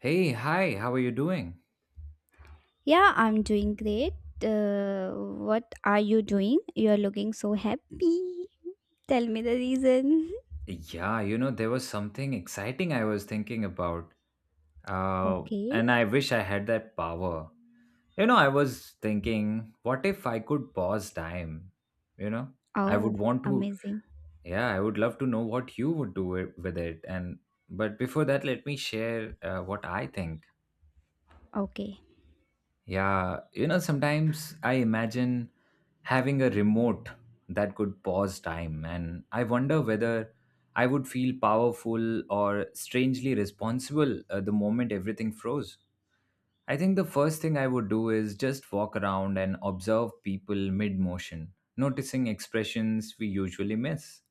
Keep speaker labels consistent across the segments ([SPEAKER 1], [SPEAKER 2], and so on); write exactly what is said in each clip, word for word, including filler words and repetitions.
[SPEAKER 1] Hey, hi, how are you doing?
[SPEAKER 2] Yeah, I'm doing great. Uh, what are you doing? You're looking so happy. Tell me the reason.
[SPEAKER 1] Yeah, you know, there was something exciting I was thinking about. Uh,
[SPEAKER 2] Okay.
[SPEAKER 1] and I wish I had that power. You know, I was thinking, what if I could pause time? You know, I
[SPEAKER 2] Oh,
[SPEAKER 1] would want to,
[SPEAKER 2] amazing.
[SPEAKER 1] yeah, I would love to know what you would do it, with it. And, but before that, let me share uh, what I think.
[SPEAKER 2] Okay.
[SPEAKER 1] Yeah, you know, sometimes I imagine having a remote that could pause time, and I wonder whether I would feel powerful or strangely responsible uh, the moment everything froze. I think the first thing I would do is just walk around and observe people mid motion, noticing expressions we usually miss.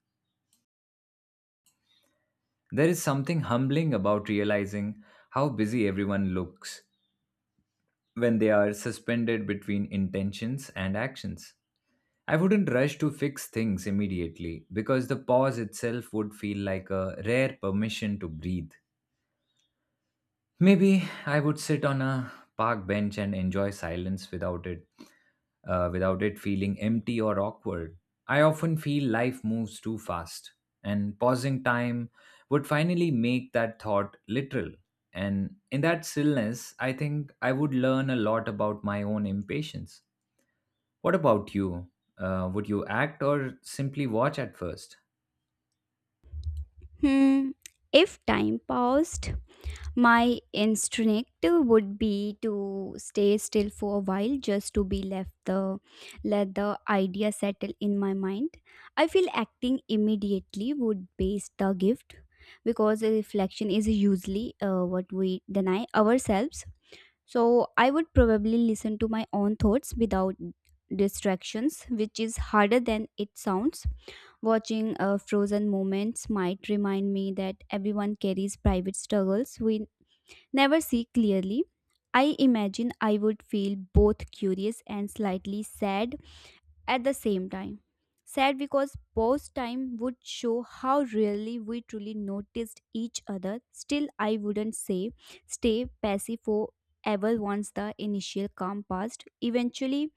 [SPEAKER 1] There is something humbling about realizing how busy everyone looks when they are suspended between intentions and actions. I wouldn't rush to fix things immediately because the pause itself would feel like a rare permission to breathe. Maybe I would sit on a park bench and enjoy silence without it uh, without it feeling empty or awkward. I often feel life moves too fast, and pausing time would finally make that thought literal. And in that stillness, I think I would learn a lot about my own impatience. What about you? Uh, would you act or simply watch at first?
[SPEAKER 2] Hmm. If time paused, my instinct would be to stay still for a while just to be left the let the idea settle in my mind. I feel acting immediately would base the gift because a reflection is usually uh, what we deny ourselves. So I would probably listen to my own thoughts without distractions, which is harder than it sounds. Watching uh, frozen moments might remind me that everyone carries private struggles we never see clearly. I imagine I would feel both curious and slightly sad at the same time. Sad because pause time would show how really we truly noticed each other. Still, I wouldn't say stay passive forever once the initial calm passed. Eventually,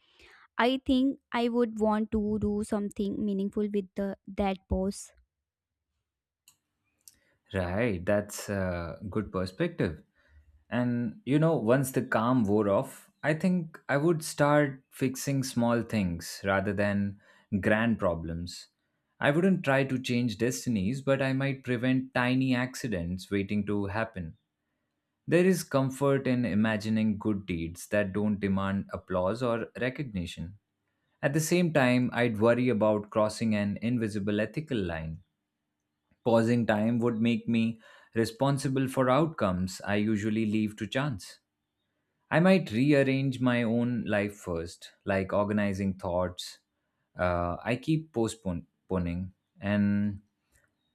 [SPEAKER 2] I think I would want to do something meaningful with the, that pause.
[SPEAKER 1] Right, that's a good perspective. And you know, once the calm wore off, I think I would start fixing small things rather than grand problems. I wouldn't try to change destinies, but I might prevent tiny accidents waiting to happen. There is comfort in imagining good deeds that don't demand applause or recognition. At the same time, I'd worry about crossing an invisible ethical line. Pausing time would make me responsible for outcomes I usually leave to chance. I might rearrange my own life first, like organizing thoughts. Uh, I keep postponing, and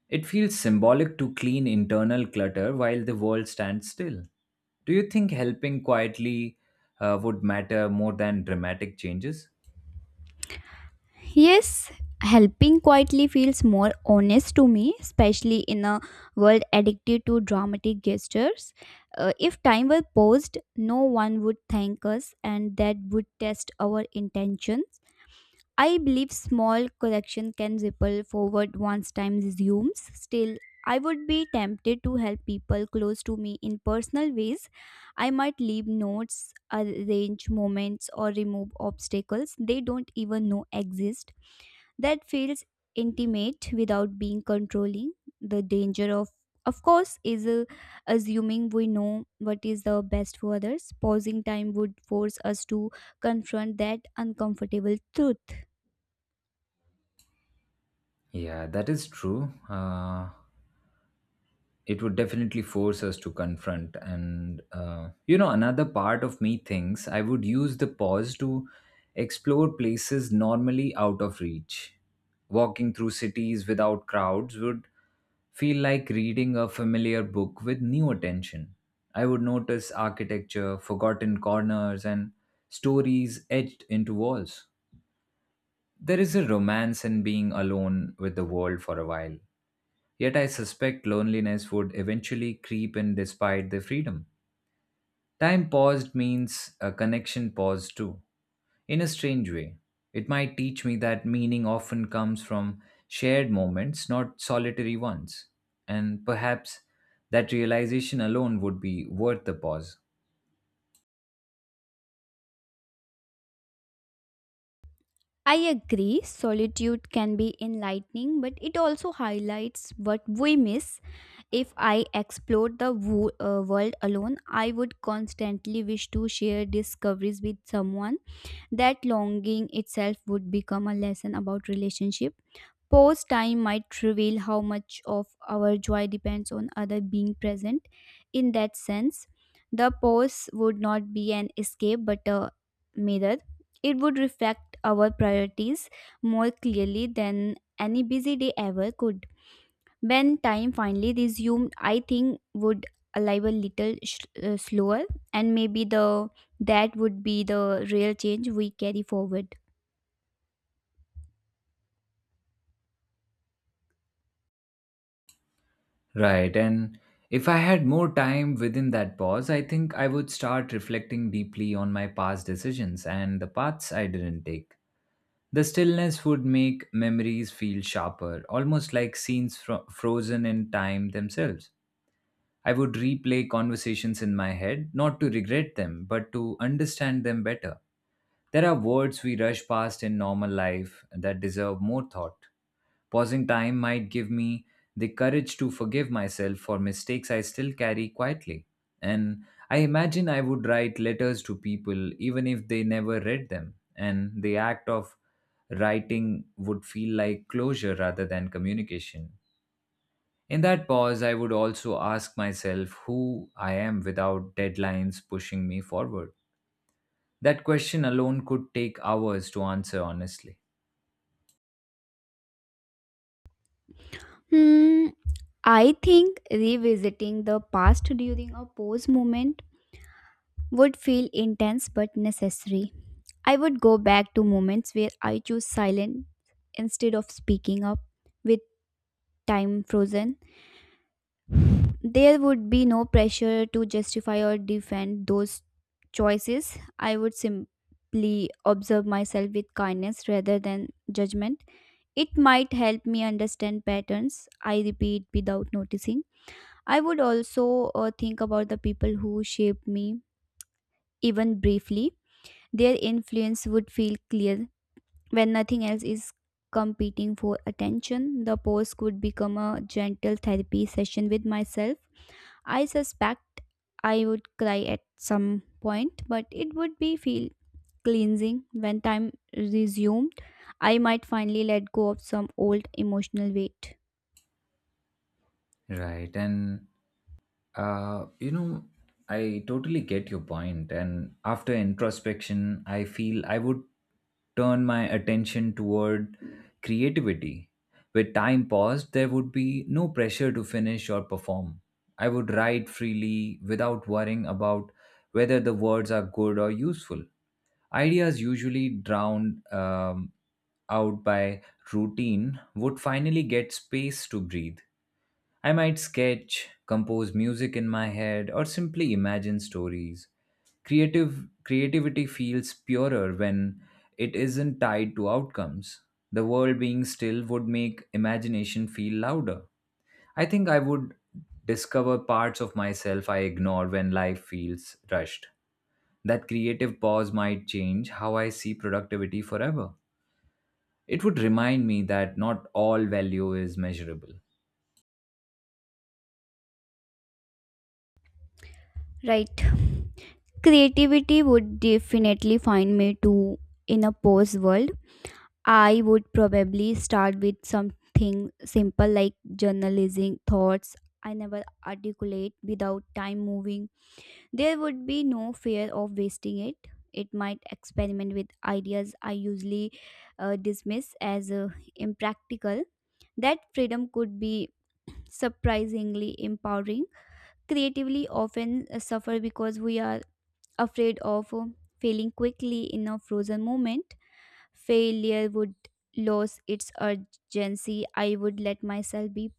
[SPEAKER 1] it feels symbolic to clean internal clutter while the world stands still. Do you think helping quietly uh, would matter more than dramatic changes?
[SPEAKER 2] Yes, helping quietly feels more honest to me, especially in a world addicted to dramatic gestures. Uh, if time were paused, no one would thank us, and that would test our intentions. I believe small correction can ripple forward once time resumes. Still, I would be tempted to help people close to me in personal ways. I might leave notes, arrange moments, or remove obstacles they don't even know exist. That feels intimate without being controlling. The danger of, of course, is uh, assuming we know what is the best for others. Pausing time would force us to confront that uncomfortable truth.
[SPEAKER 1] Yeah, that is true. Uh, it would definitely force us to confront, and uh, you know another part of me thinks I would use the pause to explore places normally out of reach. Walking through cities without crowds would feel like reading a familiar book with new attention. I would notice architecture, forgotten corners, and stories etched into walls. There is a romance in being alone with the world for a while. Yet I suspect loneliness would eventually creep in despite the freedom. Time paused means a connection paused too, in a strange way. It might teach me that meaning often comes from shared moments, not solitary ones. And perhaps that realization alone would be worth the pause.
[SPEAKER 2] I agree, solitude can be enlightening, but it also highlights what we miss. If I explored the wo- uh, world alone, I would constantly wish to share discoveries with someone. That longing itself would become a lesson about relationship. Pause time might reveal how much of our joy depends on other being present. In that sense, the pause would not be an escape but a mirror. It would reflect our priorities more clearly than any busy day ever could. When time finally resumed, I think would alive a little sh- uh, slower, and maybe the that would be the real change we carry forward.
[SPEAKER 1] Right. And if I had more time within that pause, I think I would start reflecting deeply on my past decisions and the paths I didn't take. The stillness would make memories feel sharper, almost like scenes fro- frozen in time themselves. I would replay conversations in my head, not to regret them, but to understand them better. There are words we rush past in normal life that deserve more thought. Pausing time might give me the courage to forgive myself for mistakes I still carry quietly. And I imagine I would write letters to people even if they never read them, and the act of writing would feel like closure rather than communication. In that pause, I would also ask myself who I am without deadlines pushing me forward. That question alone could take hours to answer honestly.
[SPEAKER 2] Hmm, I think revisiting the past during a pause moment would feel intense but necessary. I would go back to moments where I choose silence instead of speaking up. With time frozen, there would be no pressure to justify or defend those choices. I would simply observe myself with kindness rather than judgment. It might help me understand patterns I repeat without noticing. I would also uh, think about the people who shaped me, even briefly. Their influence would feel clear when nothing else is competing for attention. The pause could become a gentle therapy session with myself. I suspect I would cry at some point, but it would be feel cleansing when time resumed. I might finally let go of some old emotional weight.
[SPEAKER 1] Right. And Uh, you know, I totally get your point, point. and after introspection, I feel I would turn my attention toward creativity. With time paused, there would be no pressure to finish or perform. I would write freely without worrying about whether the words are good or useful. Ideas usually drowned um, out by routine would finally get space to breathe. I might sketch, compose music in my head, or simply imagine stories. Creative Creativity feels purer when it isn't tied to outcomes. The world being still would make imagination feel louder. I think I would discover parts of myself I ignore when life feels rushed. That creative pause might change how I see productivity forever. It would remind me that not all value is measurable.
[SPEAKER 2] Right. Creativity would definitely find me too in a post world. I would probably start with something simple like journalizing thoughts I never articulate without time moving. There would be no fear of wasting it. It might experiment with ideas I usually uh, dismiss as uh, impractical. That freedom could be surprisingly empowering. Creatively, often uh, suffer because we are afraid of uh, failing quickly in a frozen moment. Failure would lose its urgency. I would let myself be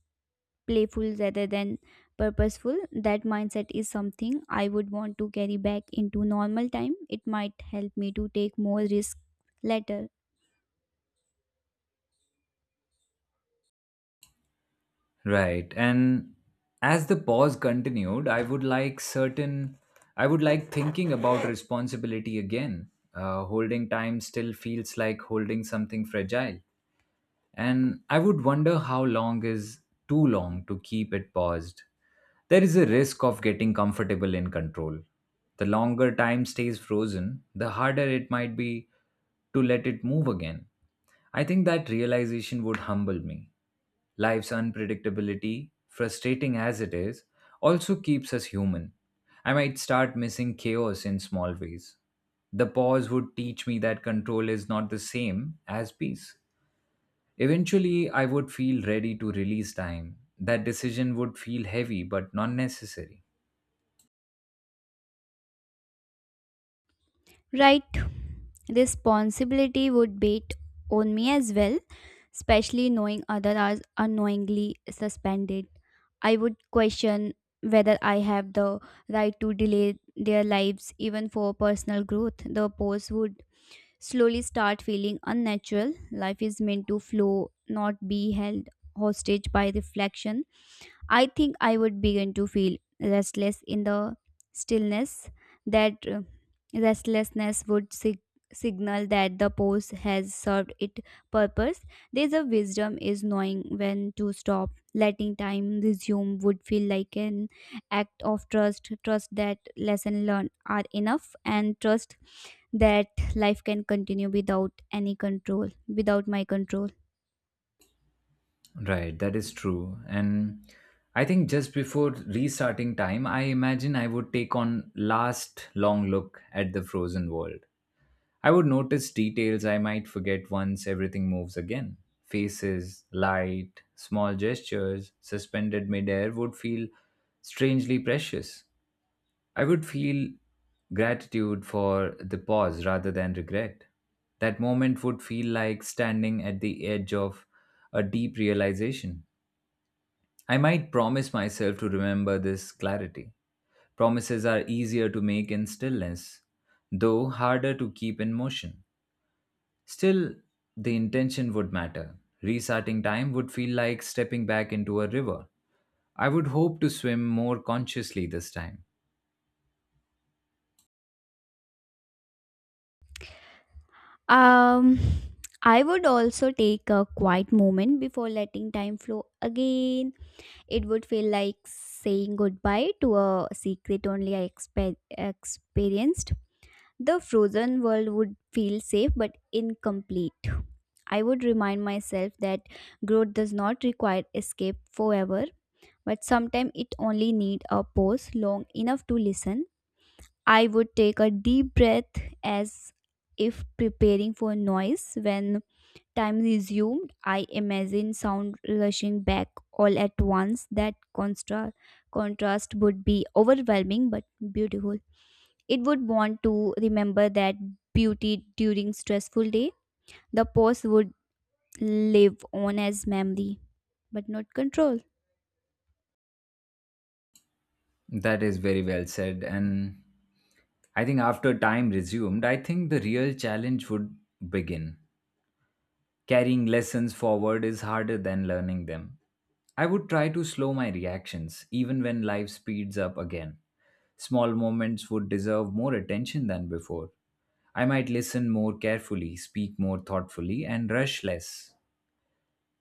[SPEAKER 2] playful rather than purposeful. That mindset is something I would want to carry back into normal time. It might help me to take more risk later.
[SPEAKER 1] Right. And as the pause continued, I would like certain, I would like thinking about responsibility again. Uh, holding time still feels like holding something fragile, and I would wonder how long is too long to keep it paused. There is a risk of getting comfortable in control. The longer time stays frozen, the harder it might be to let it move again. I think that realization would humble me. Life's unpredictability, frustrating as it is, also keeps us human. I might start missing chaos in small ways. The pause would teach me that control is not the same as peace. Eventually, I would feel ready to release time. That decision would feel heavy but not necessary.
[SPEAKER 2] Right. Responsibility would bait on me as well, especially knowing others are unknowingly suspended. I would question whether I have the right to delay their lives even for personal growth. The post would slowly start feeling unnatural. Life is meant to flow, not be held hostage by reflection. I think I would begin to feel restless in the stillness. That uh, restlessness would sig- signal that the pose has served its purpose. There's a wisdom is knowing when to stop. Letting time resume would feel like an act of trust. Trust that lesson learned are enough, and trust that life can continue without any control, without my control.
[SPEAKER 1] Right, that is true. And I think just before restarting time, I imagine I would take on last long look at the frozen world. I would notice details I might forget once everything moves again. Faces, light, small gestures suspended midair would feel strangely precious. I would feel gratitude for the pause rather than regret. That moment would feel like standing at the edge of a deep realization. I might promise myself to remember this clarity. Promises are easier to make in stillness, though harder to keep in motion. Still, the intention would matter. Restarting time would feel like stepping back into a river. I would hope to swim more consciously this time.
[SPEAKER 2] um I would also take a quiet moment before letting time flow again. It would feel like saying goodbye to a secret only I expe- experienced. The frozen world would feel safe but incomplete. I would remind myself that growth does not require escape forever, but sometimes it only needs a pause long enough to listen. I would take a deep breath as if preparing for noise. When time resumed, I imagine sound rushing back all at once. That contra- contrast would be overwhelming but beautiful. It would want to remember that beauty during stressful day. The pause would live on as memory, but not control.
[SPEAKER 1] That is very well said, and I think after time resumed, I think the real challenge would begin. Carrying lessons forward is harder than learning them. I would try to slow my reactions, even when life speeds up again. Small moments would deserve more attention than before. I might listen more carefully, speak more thoughtfully, and rush less.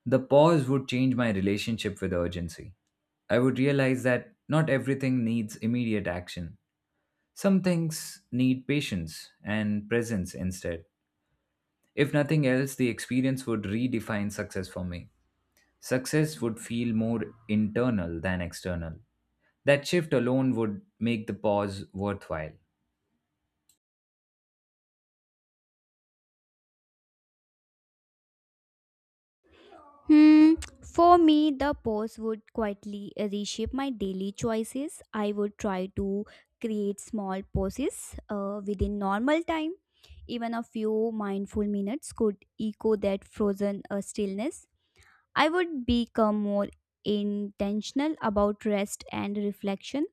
[SPEAKER 1] The pause would change my relationship with urgency. I would realize that not everything needs immediate action. Some things need patience and presence instead. If nothing else, the experience would redefine success for me. Success would feel more internal than external. That shift alone would make the pause worthwhile.
[SPEAKER 2] Hmm, for me, the pause would quietly reshape my daily choices. I would try to create small pauses uh, within normal time. Even a few mindful minutes could echo that frozen uh, stillness. I would become more intentional about rest and reflection.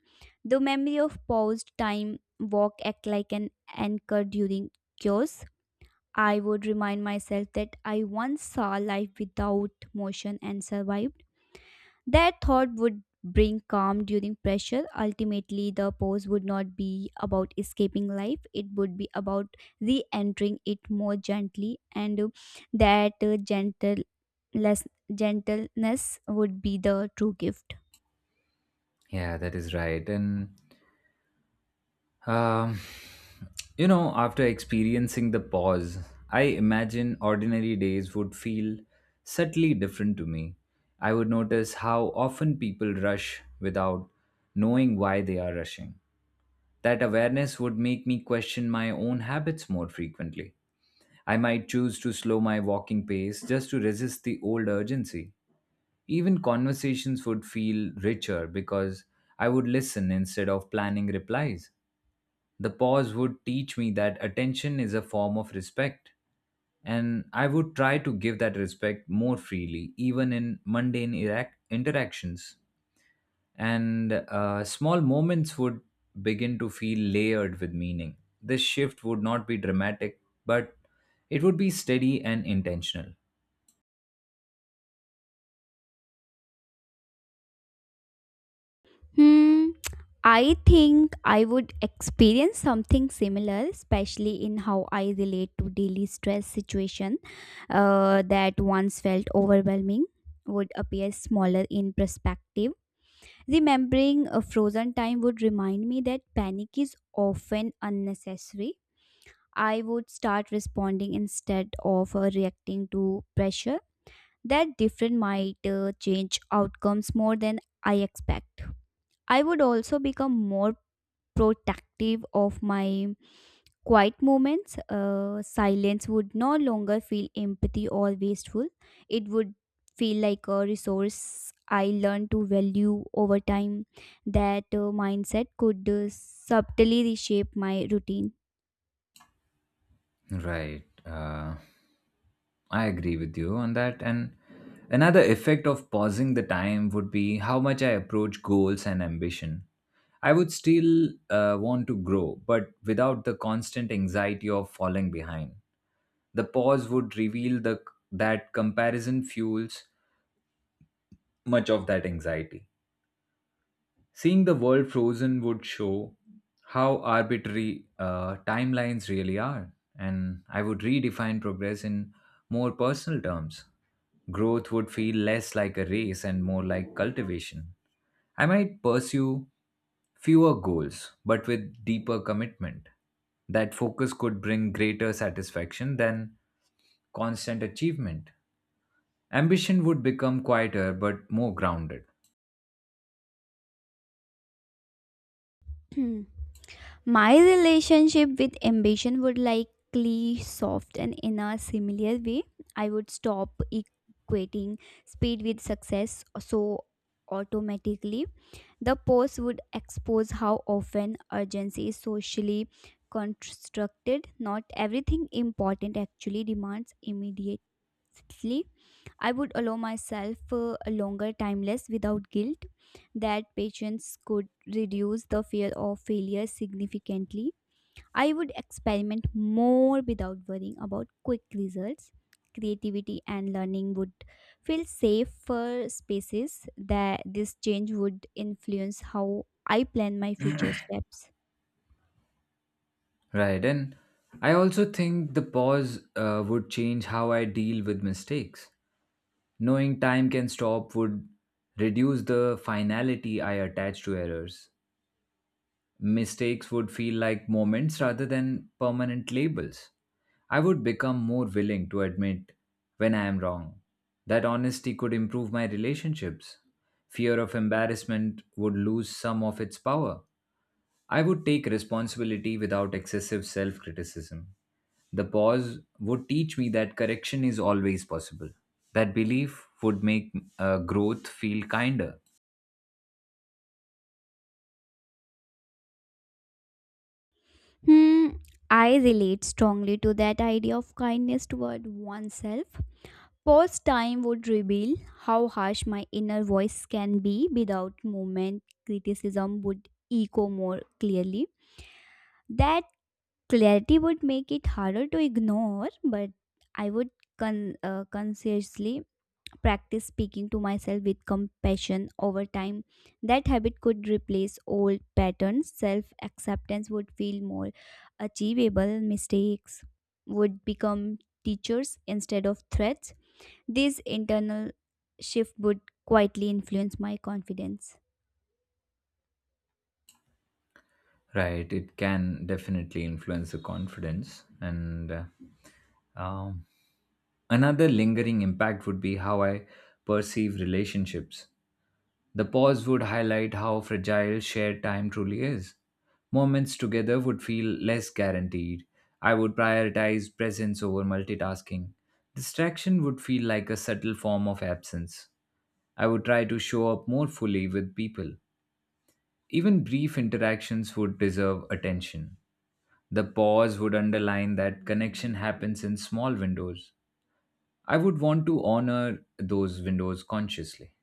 [SPEAKER 2] The memory of paused time walk act like an anchor during chaos. I would remind myself that I once saw life without motion and survived. That thought would bring calm during pressure. Ultimately, the pose would not be about escaping life, it would be about re entering it more gently, and uh, that uh, gentle less gentleness would be the true gift.
[SPEAKER 1] Yeah, that is right. And, um, you know, after experiencing the pause, I imagine ordinary days would feel subtly different to me. I would notice how often people rush without knowing why they are rushing. That awareness would make me question my own habits more frequently. I might choose to slow my walking pace just to resist the old urgency. Even conversations would feel richer because I would listen instead of planning replies. The pause would teach me that attention is a form of respect, and I would try to give that respect more freely, even in mundane irac- interactions, and uh, small moments would begin to feel layered with meaning. This shift would not be dramatic, but it would be steady and intentional.
[SPEAKER 2] Hmm, I think I would experience something similar, especially in how I relate to daily stress situation uh, that once felt overwhelming would appear smaller in perspective. Remembering a frozen time would remind me that panic is often unnecessary. I would start responding instead of uh, reacting to pressure. That different might uh, change outcomes more than I expect. I would also become more protective of my quiet moments. Uh, silence would no longer feel empathy or wasteful. It would feel like a resource I learned to value over time. That uh, mindset could uh, subtly reshape my routine.
[SPEAKER 1] Right. Uh, I agree with you on that. And another effect of pausing the time would be how much I approach goals and ambition. I would still uh, want to grow, but without the constant anxiety of falling behind. The pause would reveal the, that comparison fuels much of that anxiety. Seeing the world frozen would show how arbitrary uh, timelines really are, and I would redefine progress in more personal terms. Growth would feel less like a race and more like cultivation. I might pursue fewer goals, but with deeper commitment. That focus could bring greater satisfaction than constant achievement. Ambition would become quieter but more grounded.
[SPEAKER 2] My relationship with ambition would likely soften in a similar way. I would stop equating speed with success so automatically. The post would expose how often urgency is socially constructed. Not everything important actually demands immediate. Sixthly, I would allow myself uh, a longer timeless without guilt. That patience could reduce the fear of failure significantly. I would experiment more without worrying about quick results. Creativity and learning would feel safe for spaces that this change would influence how I plan my future steps.
[SPEAKER 1] Right. And I also think the pause uh, would change how I deal with mistakes. Knowing time can stop would reduce the finality I attach to errors. Mistakes would feel like moments rather than permanent labels. I would become more willing to admit when I am wrong. That honesty could improve my relationships. Fear of embarrassment would lose some of its power. I would take responsibility without excessive self criticism. The pause would teach me that correction is always possible. That belief would make uh, growth feel kinder.
[SPEAKER 2] Hmm, I relate strongly to that idea of kindness toward oneself. Pause time would reveal how harsh my inner voice can be without movement. Criticism would echo more clearly. That clarity would make it harder to ignore, but I would con- uh, consciously practice speaking to myself with compassion over time. That habit could replace old patterns. Self acceptance would feel more achievable. Mistakes would become teachers instead of threats. This internal shift would quietly influence my confidence.
[SPEAKER 1] Right, it can definitely influence the confidence. And uh, um, Another lingering impact would be how I perceive relationships. The pause would highlight how fragile shared time truly is. Moments together would feel less guaranteed. I would prioritize presence over multitasking. Distraction would feel like a subtle form of absence. I would try to show up more fully with people. Even brief interactions would deserve attention. The pause would underline that connection happens in small windows. I would want to honor those windows consciously.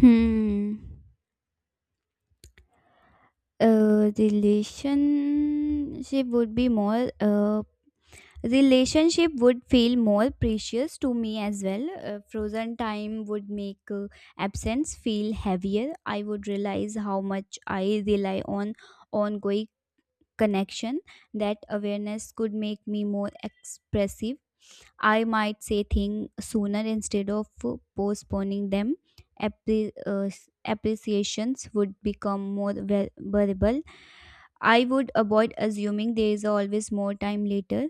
[SPEAKER 2] Hmm. A relationship would be more uh, Relationship would feel more precious to me as well. Uh, frozen time would make uh, absence feel heavier. I would realize how much I rely on ongoing connection. That awareness could make me more expressive. I might say things sooner instead of uh, postponing them. Appre- uh, Appreciations would become more ver- verbal. I would avoid assuming there is always more time later.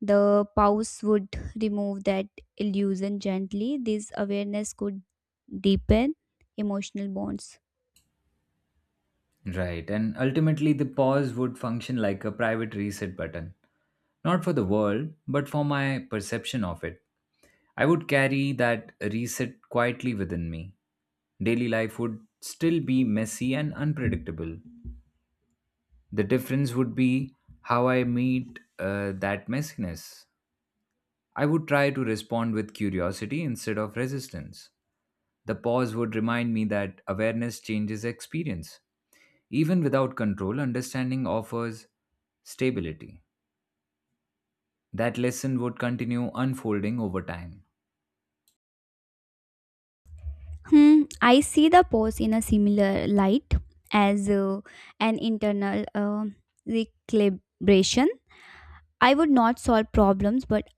[SPEAKER 2] The pause would remove that illusion gently. This awareness could deepen emotional bonds.
[SPEAKER 1] Right, and ultimately the pause would function like a private reset button, not for the world, but for my perception of it. I would carry that reset quietly within me. Daily life would still be messy and unpredictable. The difference would be how I meet uh, that messiness. I would try to respond with curiosity instead of resistance. The pause would remind me that awareness changes experience. Even without control, understanding offers stability. That lesson would continue unfolding over time.
[SPEAKER 2] Hmm, I see the pause in a similar light as uh, an internal uh, recalibration. I would not solve problems, but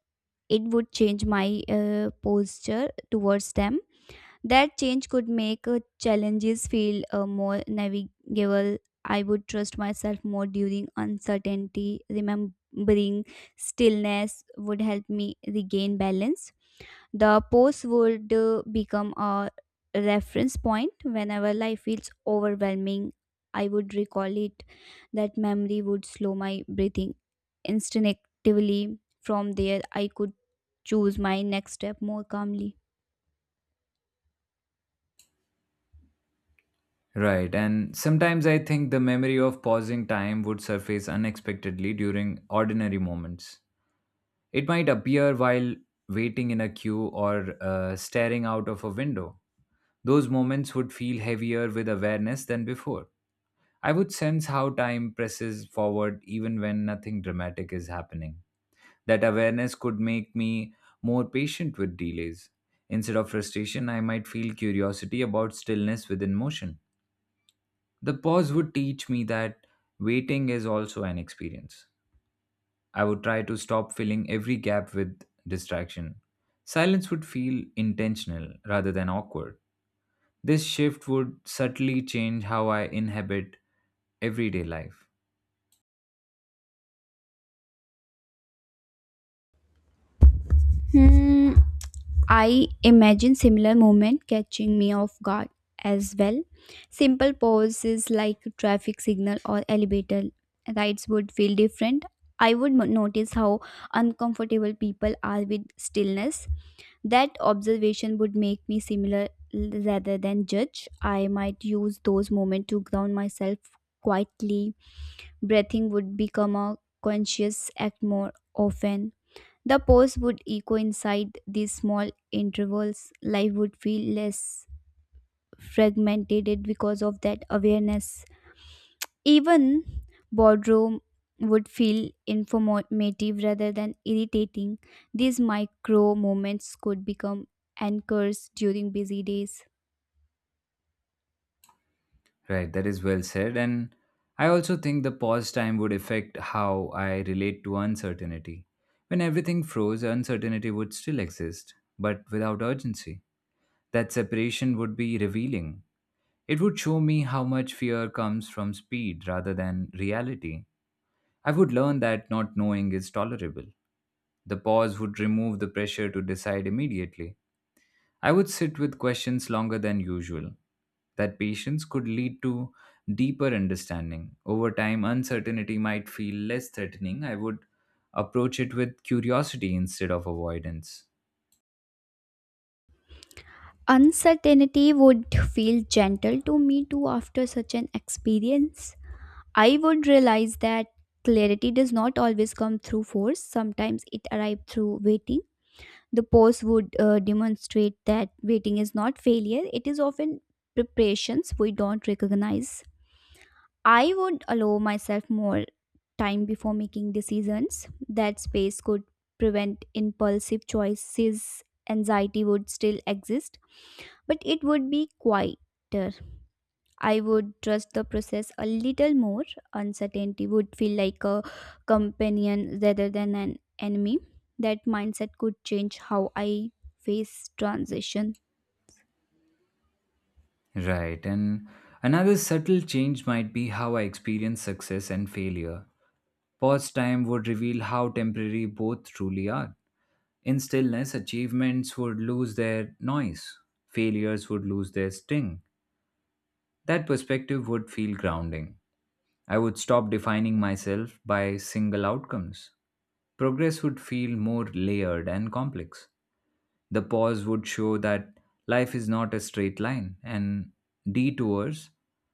[SPEAKER 2] it would change my uh, posture towards them. That change could make uh, challenges feel uh, more navigable. I would trust myself more during uncertainty. Remembering stillness would help me regain balance. The post would uh, become a reference point whenever life feels overwhelming. I would recall it. That memory would slow my breathing instinctively. From there, I could choose my next step more calmly.
[SPEAKER 1] Right, and sometimes I think the memory of pausing time would surface unexpectedly during ordinary moments. It might appear while waiting in a queue or uh, staring out of a window. Those moments would feel heavier with awareness than before. I would sense how time presses forward even when nothing dramatic is happening. That awareness could make me more patient with delays. Instead of frustration, I might feel curiosity about stillness within motion. The pause would teach me that waiting is also an experience. I would try to stop filling every gap with distraction. Silence would feel intentional rather than awkward. This shift would subtly change how I inhabit everyday life.
[SPEAKER 2] Hmm, I imagine similar movement catching me off guard as well. Simple pauses like traffic signal or elevator rides would feel different. I would mo- notice how uncomfortable people are with stillness. That observation would make me similar l- rather than judge. I might use those moments to ground myself quietly. Breathing would become a conscious act more often. The pause would echo inside these small intervals. Life would feel less fragmented because of that awareness. Even boardroom would feel informative rather than irritating. These micro moments could become anchors during busy days.
[SPEAKER 1] Right, that is well said. And I also think the pause time would affect how I relate to uncertainty. When everything froze, uncertainty would still exist, but without urgency. That separation would be revealing. It would show me how much fear comes from speed rather than reality. I would learn that not knowing is tolerable. The pause would remove the pressure to decide immediately. I would sit with questions longer than usual. That patience could lead to deeper understanding. Over time, uncertainty might feel less threatening. I would approach it with curiosity instead of avoidance.
[SPEAKER 2] Uncertainty would feel gentle to me too after such an experience. I would realize that clarity does not always come through force. Sometimes it arrives through waiting. The pause would uh, demonstrate that waiting is not failure, it is often preparations we don't recognize. I would allow myself more time before making decisions. That space could prevent impulsive choices. Anxiety would still exist, but it would be quieter. I would trust the process a little more. Uncertainty would feel like a companion rather than an enemy. That mindset could change how I face transition.
[SPEAKER 1] Right, and another subtle change might be how I experience success and failure. Pause time would reveal how temporary both truly are. In stillness, achievements would lose their noise, failures would lose their sting. That perspective would feel grounding. I would stop defining myself by single outcomes. Progress would feel more layered and complex. The pause would show that life is not a straight line, and detours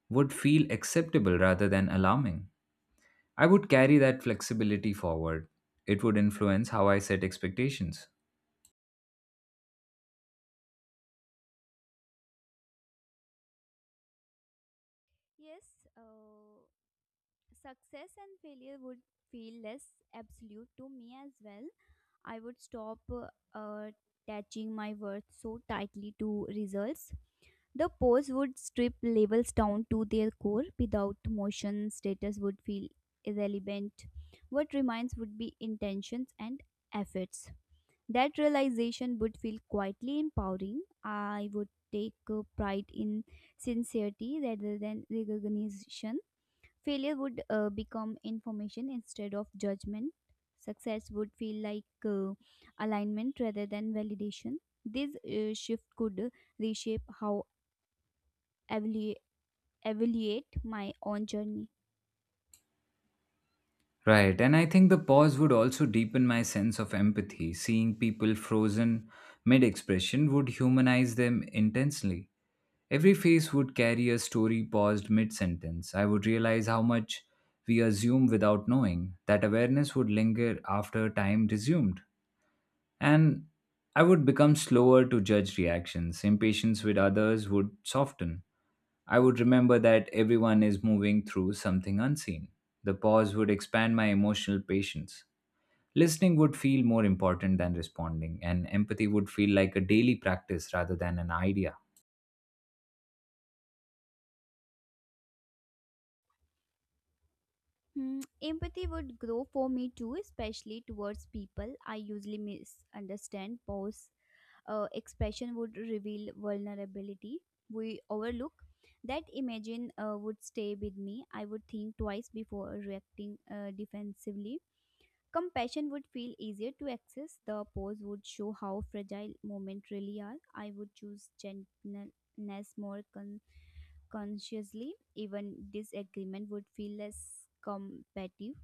[SPEAKER 1] would feel acceptable rather than alarming. I would carry that flexibility forward. It would influence how I set expectations.
[SPEAKER 2] Yes, uh, success and failure would feel less absolute to me as well. I would stop uh, uh, attaching my worth so tightly to results. The pose would strip labels down to their core. Without motion, status would feel irrelevant. What remains would be intentions and efforts. That realization would feel quietly empowering. I would take uh, pride in sincerity rather than recognition. Failure would uh, become information instead of judgment. Success would feel like uh, alignment rather than validation. This uh, shift could reshape how evalu- evaluate my own journey.
[SPEAKER 1] Right, and I think the pause would also deepen my sense of empathy. Seeing people frozen mid expression would humanize them intensely. Every face would carry a story paused mid sentence. I would realize how much we assume without knowing. That awareness would linger after time resumed. And I would become slower to judge reactions. Impatience with others would soften. I would remember that everyone is moving through something unseen. The pause would expand my emotional patience. Listening would feel more important than responding, and empathy would feel like a daily practice rather than an idea.
[SPEAKER 2] Hmm, empathy would grow for me too, especially towards people I usually misunderstand. Pause uh, expression would reveal vulnerability we overlook. That imagine uh, would stay with me. I would think twice before reacting uh, defensively. Compassion would feel easier to access. The pose would show how fragile moments really are. I would choose gentleness more consciously, even disagreement would feel less combative.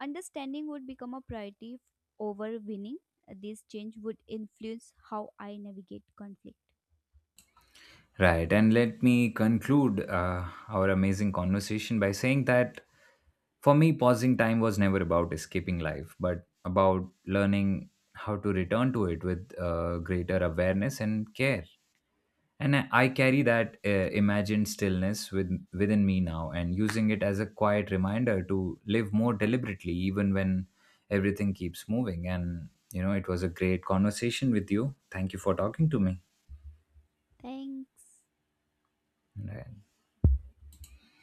[SPEAKER 2] Understanding would become a priority f- over winning. This change would influence how I navigate conflict.
[SPEAKER 1] Right. And let me conclude uh, our amazing conversation by saying that for me, pausing time was never about escaping life, but about learning how to return to it with uh, greater awareness and care. And I I carry that uh, imagined stillness with, within me now and using it as a quiet reminder to live more deliberately, even when everything keeps moving. And, you know, it was a great conversation with you. Thank you for talking to me.
[SPEAKER 2] Thanks.
[SPEAKER 1] And I-